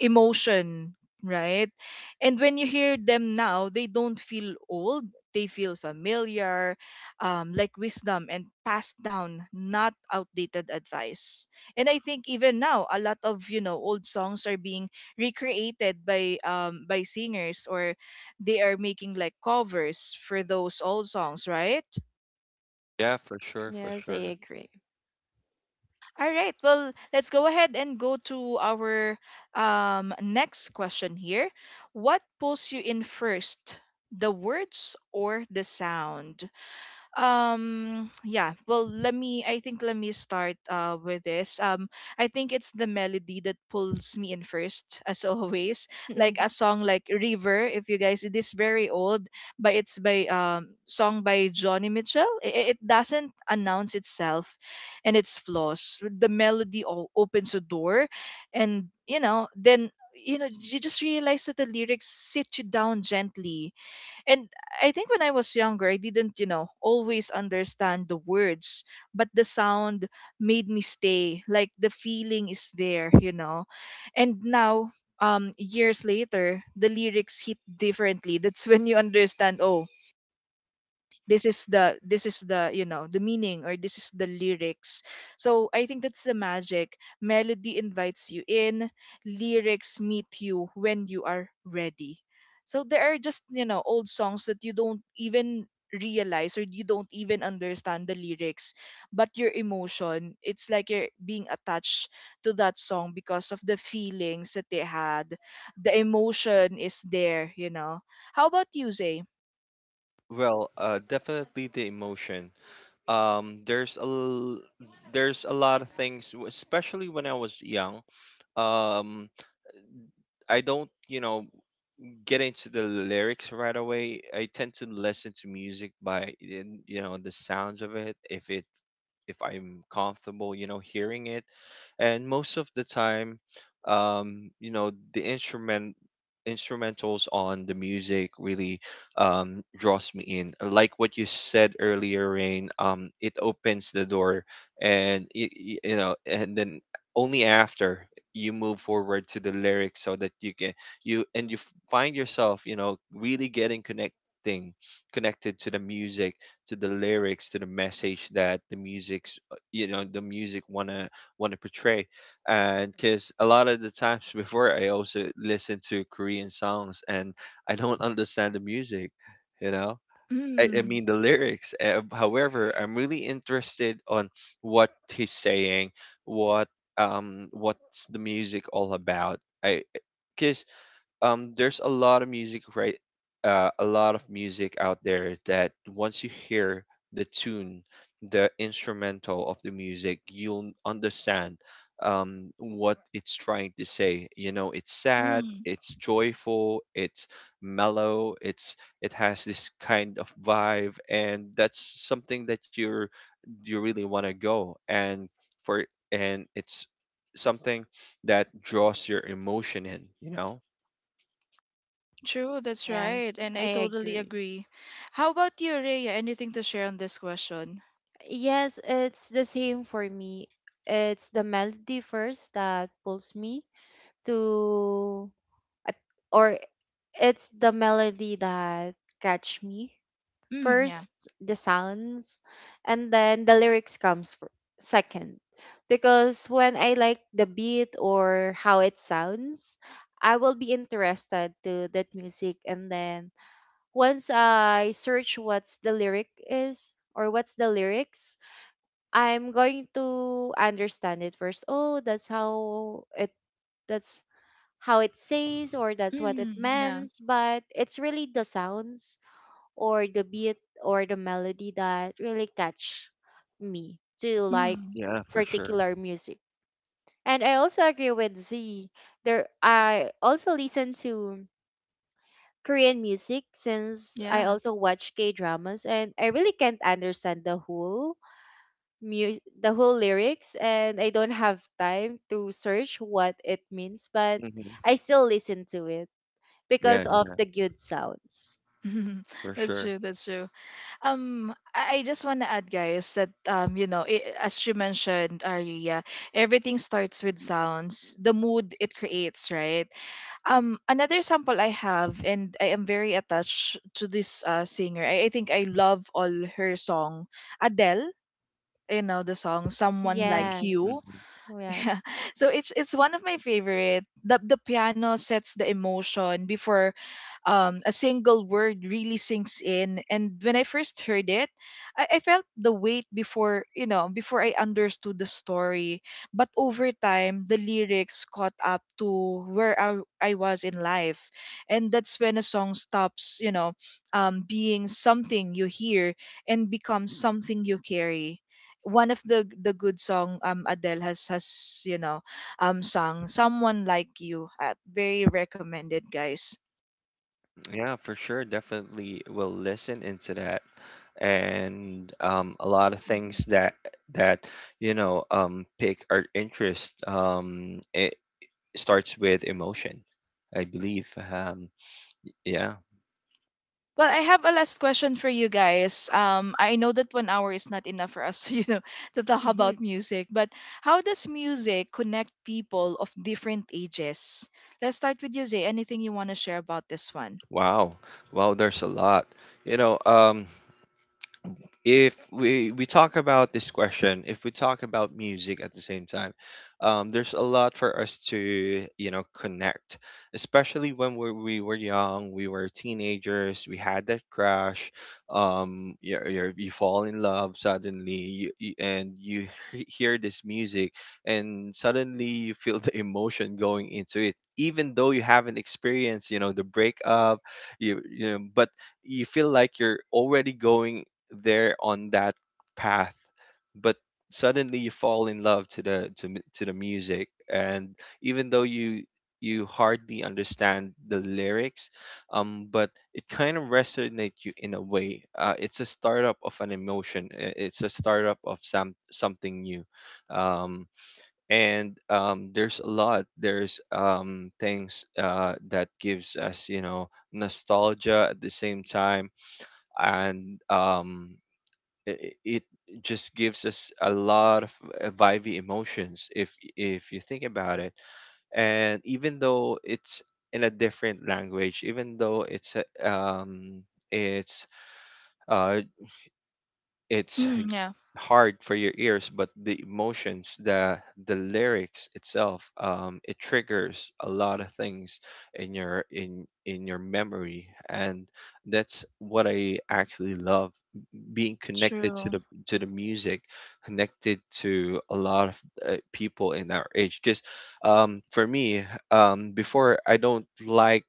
A: emotion, right? And when you hear them now, they don't feel old. They feel familiar, like wisdom and passed down, not outdated advice. And I think even now, a lot of you know old songs are being recreated by singers, or they are making like covers for those old songs, right?
B: Yeah, for sure, for
C: Yes,
B: sure.
C: I agree.
A: All right. Well, let's go ahead and go to our next question here. What pulls you in first, the words or the sound? Yeah, well, let me, I think let me start with this. I think it's the melody that pulls me in first, as always, like a song like River, if you guys, it is very old, but it's by song by Johnny Mitchell. It doesn't announce itself, and its flaws, the melody opens a door. And you know, then you know, you just realize that the lyrics sit you down gently. And I think when I was younger, I didn't, you know, always understand the words, but the sound made me stay. Like the feeling is there, you know. And now, years later, the lyrics hit differently. That's when you understand, oh, this is the you know the meaning, or this is the lyrics. So I think that's the magic: melody invites you in, lyrics meet you when you are ready. So there are just you know old songs that you don't even realize, or you don't even understand the lyrics, but your emotion, it's like you're being attached to that song because of the feelings that they had. The emotion is there, you know. How about you, Zay?
B: Well, definitely the emotion. There's a, there's a lot of things, especially when I was young. Um, I don't, you know, get into the lyrics right away. I tend to listen to music by you know the sounds of it, if it if I'm comfortable, you know, hearing it. And most of the time, you know, the instrumentals on the music really draws me in. Like what you said earlier, Rain, it opens the door, and and then only after you move forward to the lyrics so that you can you and you f- find yourself, really getting connecting connected to the music, to the lyrics, to the message that the music's the music wanna portray. And because a lot of the times before I also listen to Korean songs and I don't understand the music, you know I
A: Mm.
B: mean the lyrics. However, I'm really interested on what he's saying, what what's the music all about. I because There's a lot of music, right? A lot of music out there that once you hear the tune, the instrumental of the music, you'll understand what it's trying to say. You know, it's sad,
A: Mm.
B: it's joyful, it's mellow, it's, it has this kind of vibe, and that's something that you really want to go and for, and it's something that draws your emotion in, you know.
A: True, that's
C: Yes,
A: right, and I
C: I
A: totally
C: agree.
A: agree. How about you, Rhea? Anything to share on this question?
C: Yes, it's the same for me. It's the melody first that pulls me to, at- or it's the melody that catch me
A: Mm, yeah.
C: first, the sounds, and then the lyrics comes fir- second, because when I like the beat or how it sounds, I will be interested to that music. And then once I search what's the lyric is or what's the lyrics, I'm going to understand it first. Oh that's how it says or that's what it
A: Mm, yeah.
C: means. But it's really the sounds or the beat or the melody that really catch me to like
A: Mm,
B: Yeah, for sure.
C: particular music. And I also agree with Z. There I also listen to Korean music since I
A: yeah.
C: also watch K dramas and I really can't understand the whole mu- the whole lyrics and I don't have time to search what it means, but
B: Hmm.
C: I still listen to it
B: Yeah,
C: because of
B: yeah,
C: the good sounds.
B: for
A: That's
B: sure.
A: true. That's true. I just want to add, guys, that you know, I as you mentioned, Aria, everything starts with sounds, the mood it creates, right? Another sample I have, and I am very attached to this singer. I think I love all her song, Adele. You know the song Someone
B: Hmm.
A: Like You.
B: Hmm.
C: Yes. Yes.
A: Yeah, so it's one of my favorite. The piano sets the emotion before a single word really sinks in. And when I first heard it, I felt the weight before you know before I understood the story, but over time the lyrics caught up to where I was in life. And that's when a song stops, you know, being something you hear and becomes something you carry. One of the good song, Adele has you know sung Someone Like You, very recommended, guys.
B: Yeah, for sure. Definitely will listen into that, and a lot of things that pick our interest. It starts with emotion, I believe. Um, yeah.
A: Well, I have a last question for you guys. Um, I know that 1 hour is not enough for us you know to talk about
C: Mhm.
A: music, but how does music connect people of different ages? Let's start with you, Zay. Anything you want to share about this one?
B: Wow. Wow. There's a lot. You know. If we talk about this question, if we talk about music at the same time, there's a lot for us to, connect, especially when we were young, we were teenagers, we had that crush. You fall in love suddenly, you- and you hear this music, and suddenly you feel the emotion going into it, even though you haven't experienced, the breakup. But you feel like you're already going there on that path. But suddenly you fall in love to the music. And even though you hardly understand the lyrics, but it kind of resonate you in a way. It's a startup of an emotion, it's a startup of something new. Um and There's a lot there's things that gives us, nostalgia at the same time. and um it just gives us a lot of vibey emotions, if you think about it. And even though it's in a different language, even though it's a- it's uh it's
A: Mm, yeah.
B: hard for your ears, but the emotions, the lyrics itself, it triggers a lot of things in your memory. And that's what I actually love, being connected to
A: True.
B: the music, connected to a lot of people in our age. Because for me, before, I don't like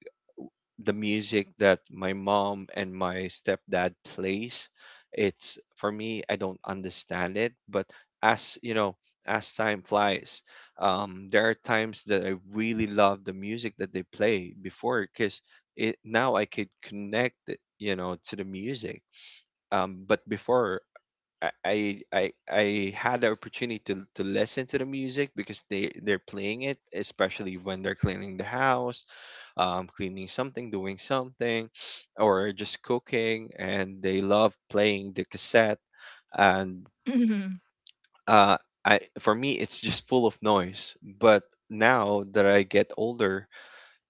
B: the music that my mom and my stepdad plays. It's, for me, I don't understand it. But as you know, as time flies, there are times that I really love the music that they play before, because it now I could connect it, you know, to the music. But before, I had the opportunity to listen to the music because they're playing it, especially when they're cleaning the house, cleaning something, doing something, or just cooking, and they love playing the cassette. And
A: Mhm.
B: uh, I for me, it's just full of noise. But now that I get older,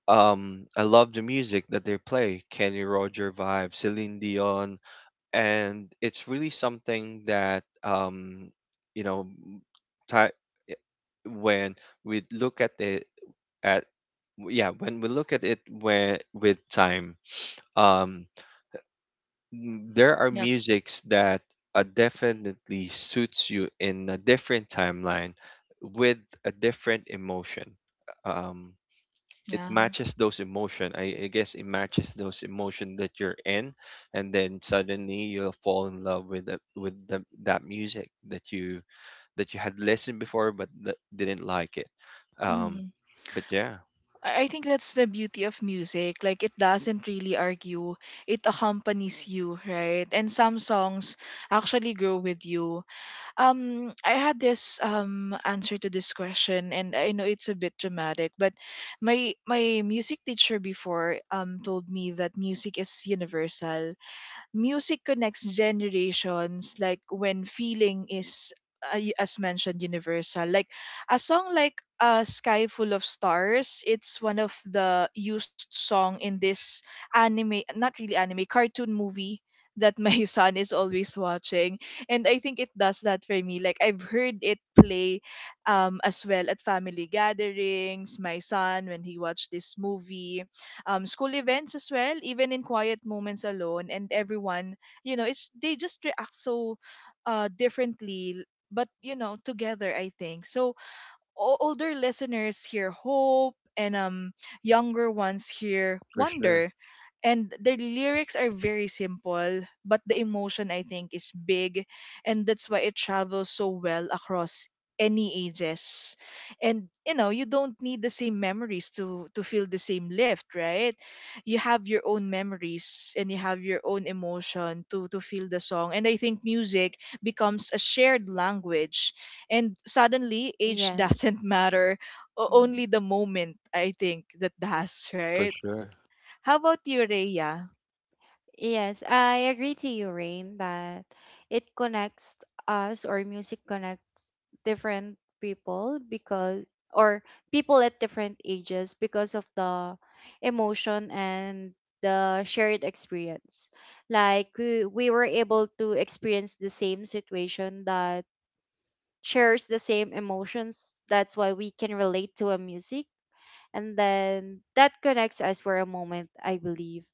B: I love the music that they play. Kenny Roger vibe, Celine Dion, and it's really something that you know m- ti- eh, when we look at it at yeah, when we look at it where with time, um there are
A: Yeah.
B: musics that definitely suits you in a different timeline, with a different emotion. um it
A: Yeah.
B: matches those emotion. I guess it matches those emotion that you're in, and then suddenly you'll fall in love with that music that you had listened before but that didn't like it. Um, but yeah,
A: I think that's the beauty of music. Like, it doesn't really argue. It accompanies you, right? And some songs actually grow with you. Um, I had this answer to this question, and I know it's a bit dramatic, but my music teacher before told me that music is universal. Music connects generations, like when feeling is y- as mentioned universal, like a song like A Sky Full of Stars. It's one of the used song in this anime, not really anime, cartoon movie that my son is always watching. And I think it does that for me. Like, I've heard it play as well at family gatherings, my son when he watched this movie, school events as well, even in quiet moments alone. And everyone, you know, it's they just react so differently, but you know, together, I think. So older listeners hear hope, and younger ones hear
B: for sure,
A: wonder. And the lyrics are very simple, but the emotion I think is big, and that's why it travels so well across any ages. And you know, you don't need the same memories to feel the same lift, right? You have your own memories and you have your own emotion to feel the song. And I think music becomes a shared language, and suddenly age doesn't
C: Yes.
A: matter.
C: Mhm.
A: Only the moment, I think, that does,
B: for
A: right?
B: sure,
A: How about you, Rhea?
C: Yes, I agree to you, Rain, that it connects us or music connects different people because or people at different ages because of the emotion and the shared experience. Like we were able to experience the same situation that shares the same emotions. That's why we can relate to a music. And then that connects us for a moment, I believe.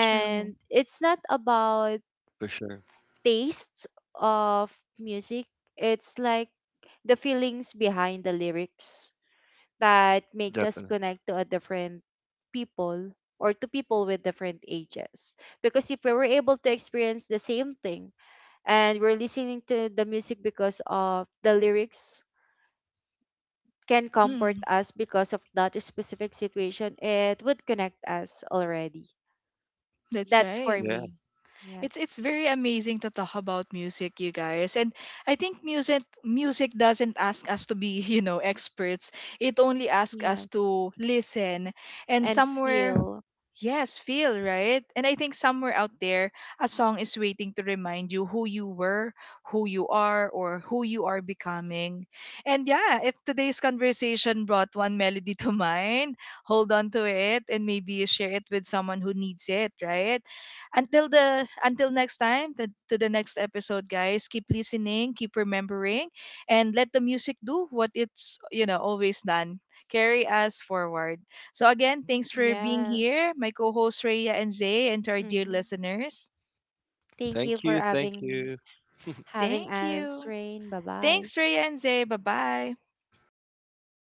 A: True.
C: it's not about
B: for sure,
C: tastes of music. It's like the feelings behind the lyrics that makes us
B: definitely.
C: connect to a different people or to people with different ages, because if we were able to experience the same thing and we're listening to the music because of the lyrics can comfort
A: Mm,
C: us because of that specific situation, it would connect us already.
A: that's
C: That's
A: right.
C: for
B: Yeah,
C: me. Yes.
A: It's very amazing to talk about music, you guys. And I think music doesn't ask us to be, you know, experts. It only asks us
C: Yes.
A: to listen and
C: And
A: somewhere...
C: feel.
A: Yes, feel, right? And I think somewhere out there, a song is waiting to remind you who you were, who you are, or who you are becoming. And yeah, if today's conversation brought one melody to mind, hold on to it and maybe share it with someone who needs it, right? Until the until next time, the, to the next episode, guys, keep listening, keep remembering, and let the music do what it's, you know, always done. Carry us forward. So, again, thanks for being
C: Yes.
A: here, my co hosts Rhea and Zay, and to our dear
C: Mm-hmm.
A: listeners.
C: Thank you
B: thank
C: for
B: you, thank
C: having
B: you.
C: having
A: Thank
C: us,
A: you.
C: Rain. Bye bye.
A: Thanks, Rhea and Zay. Bye bye.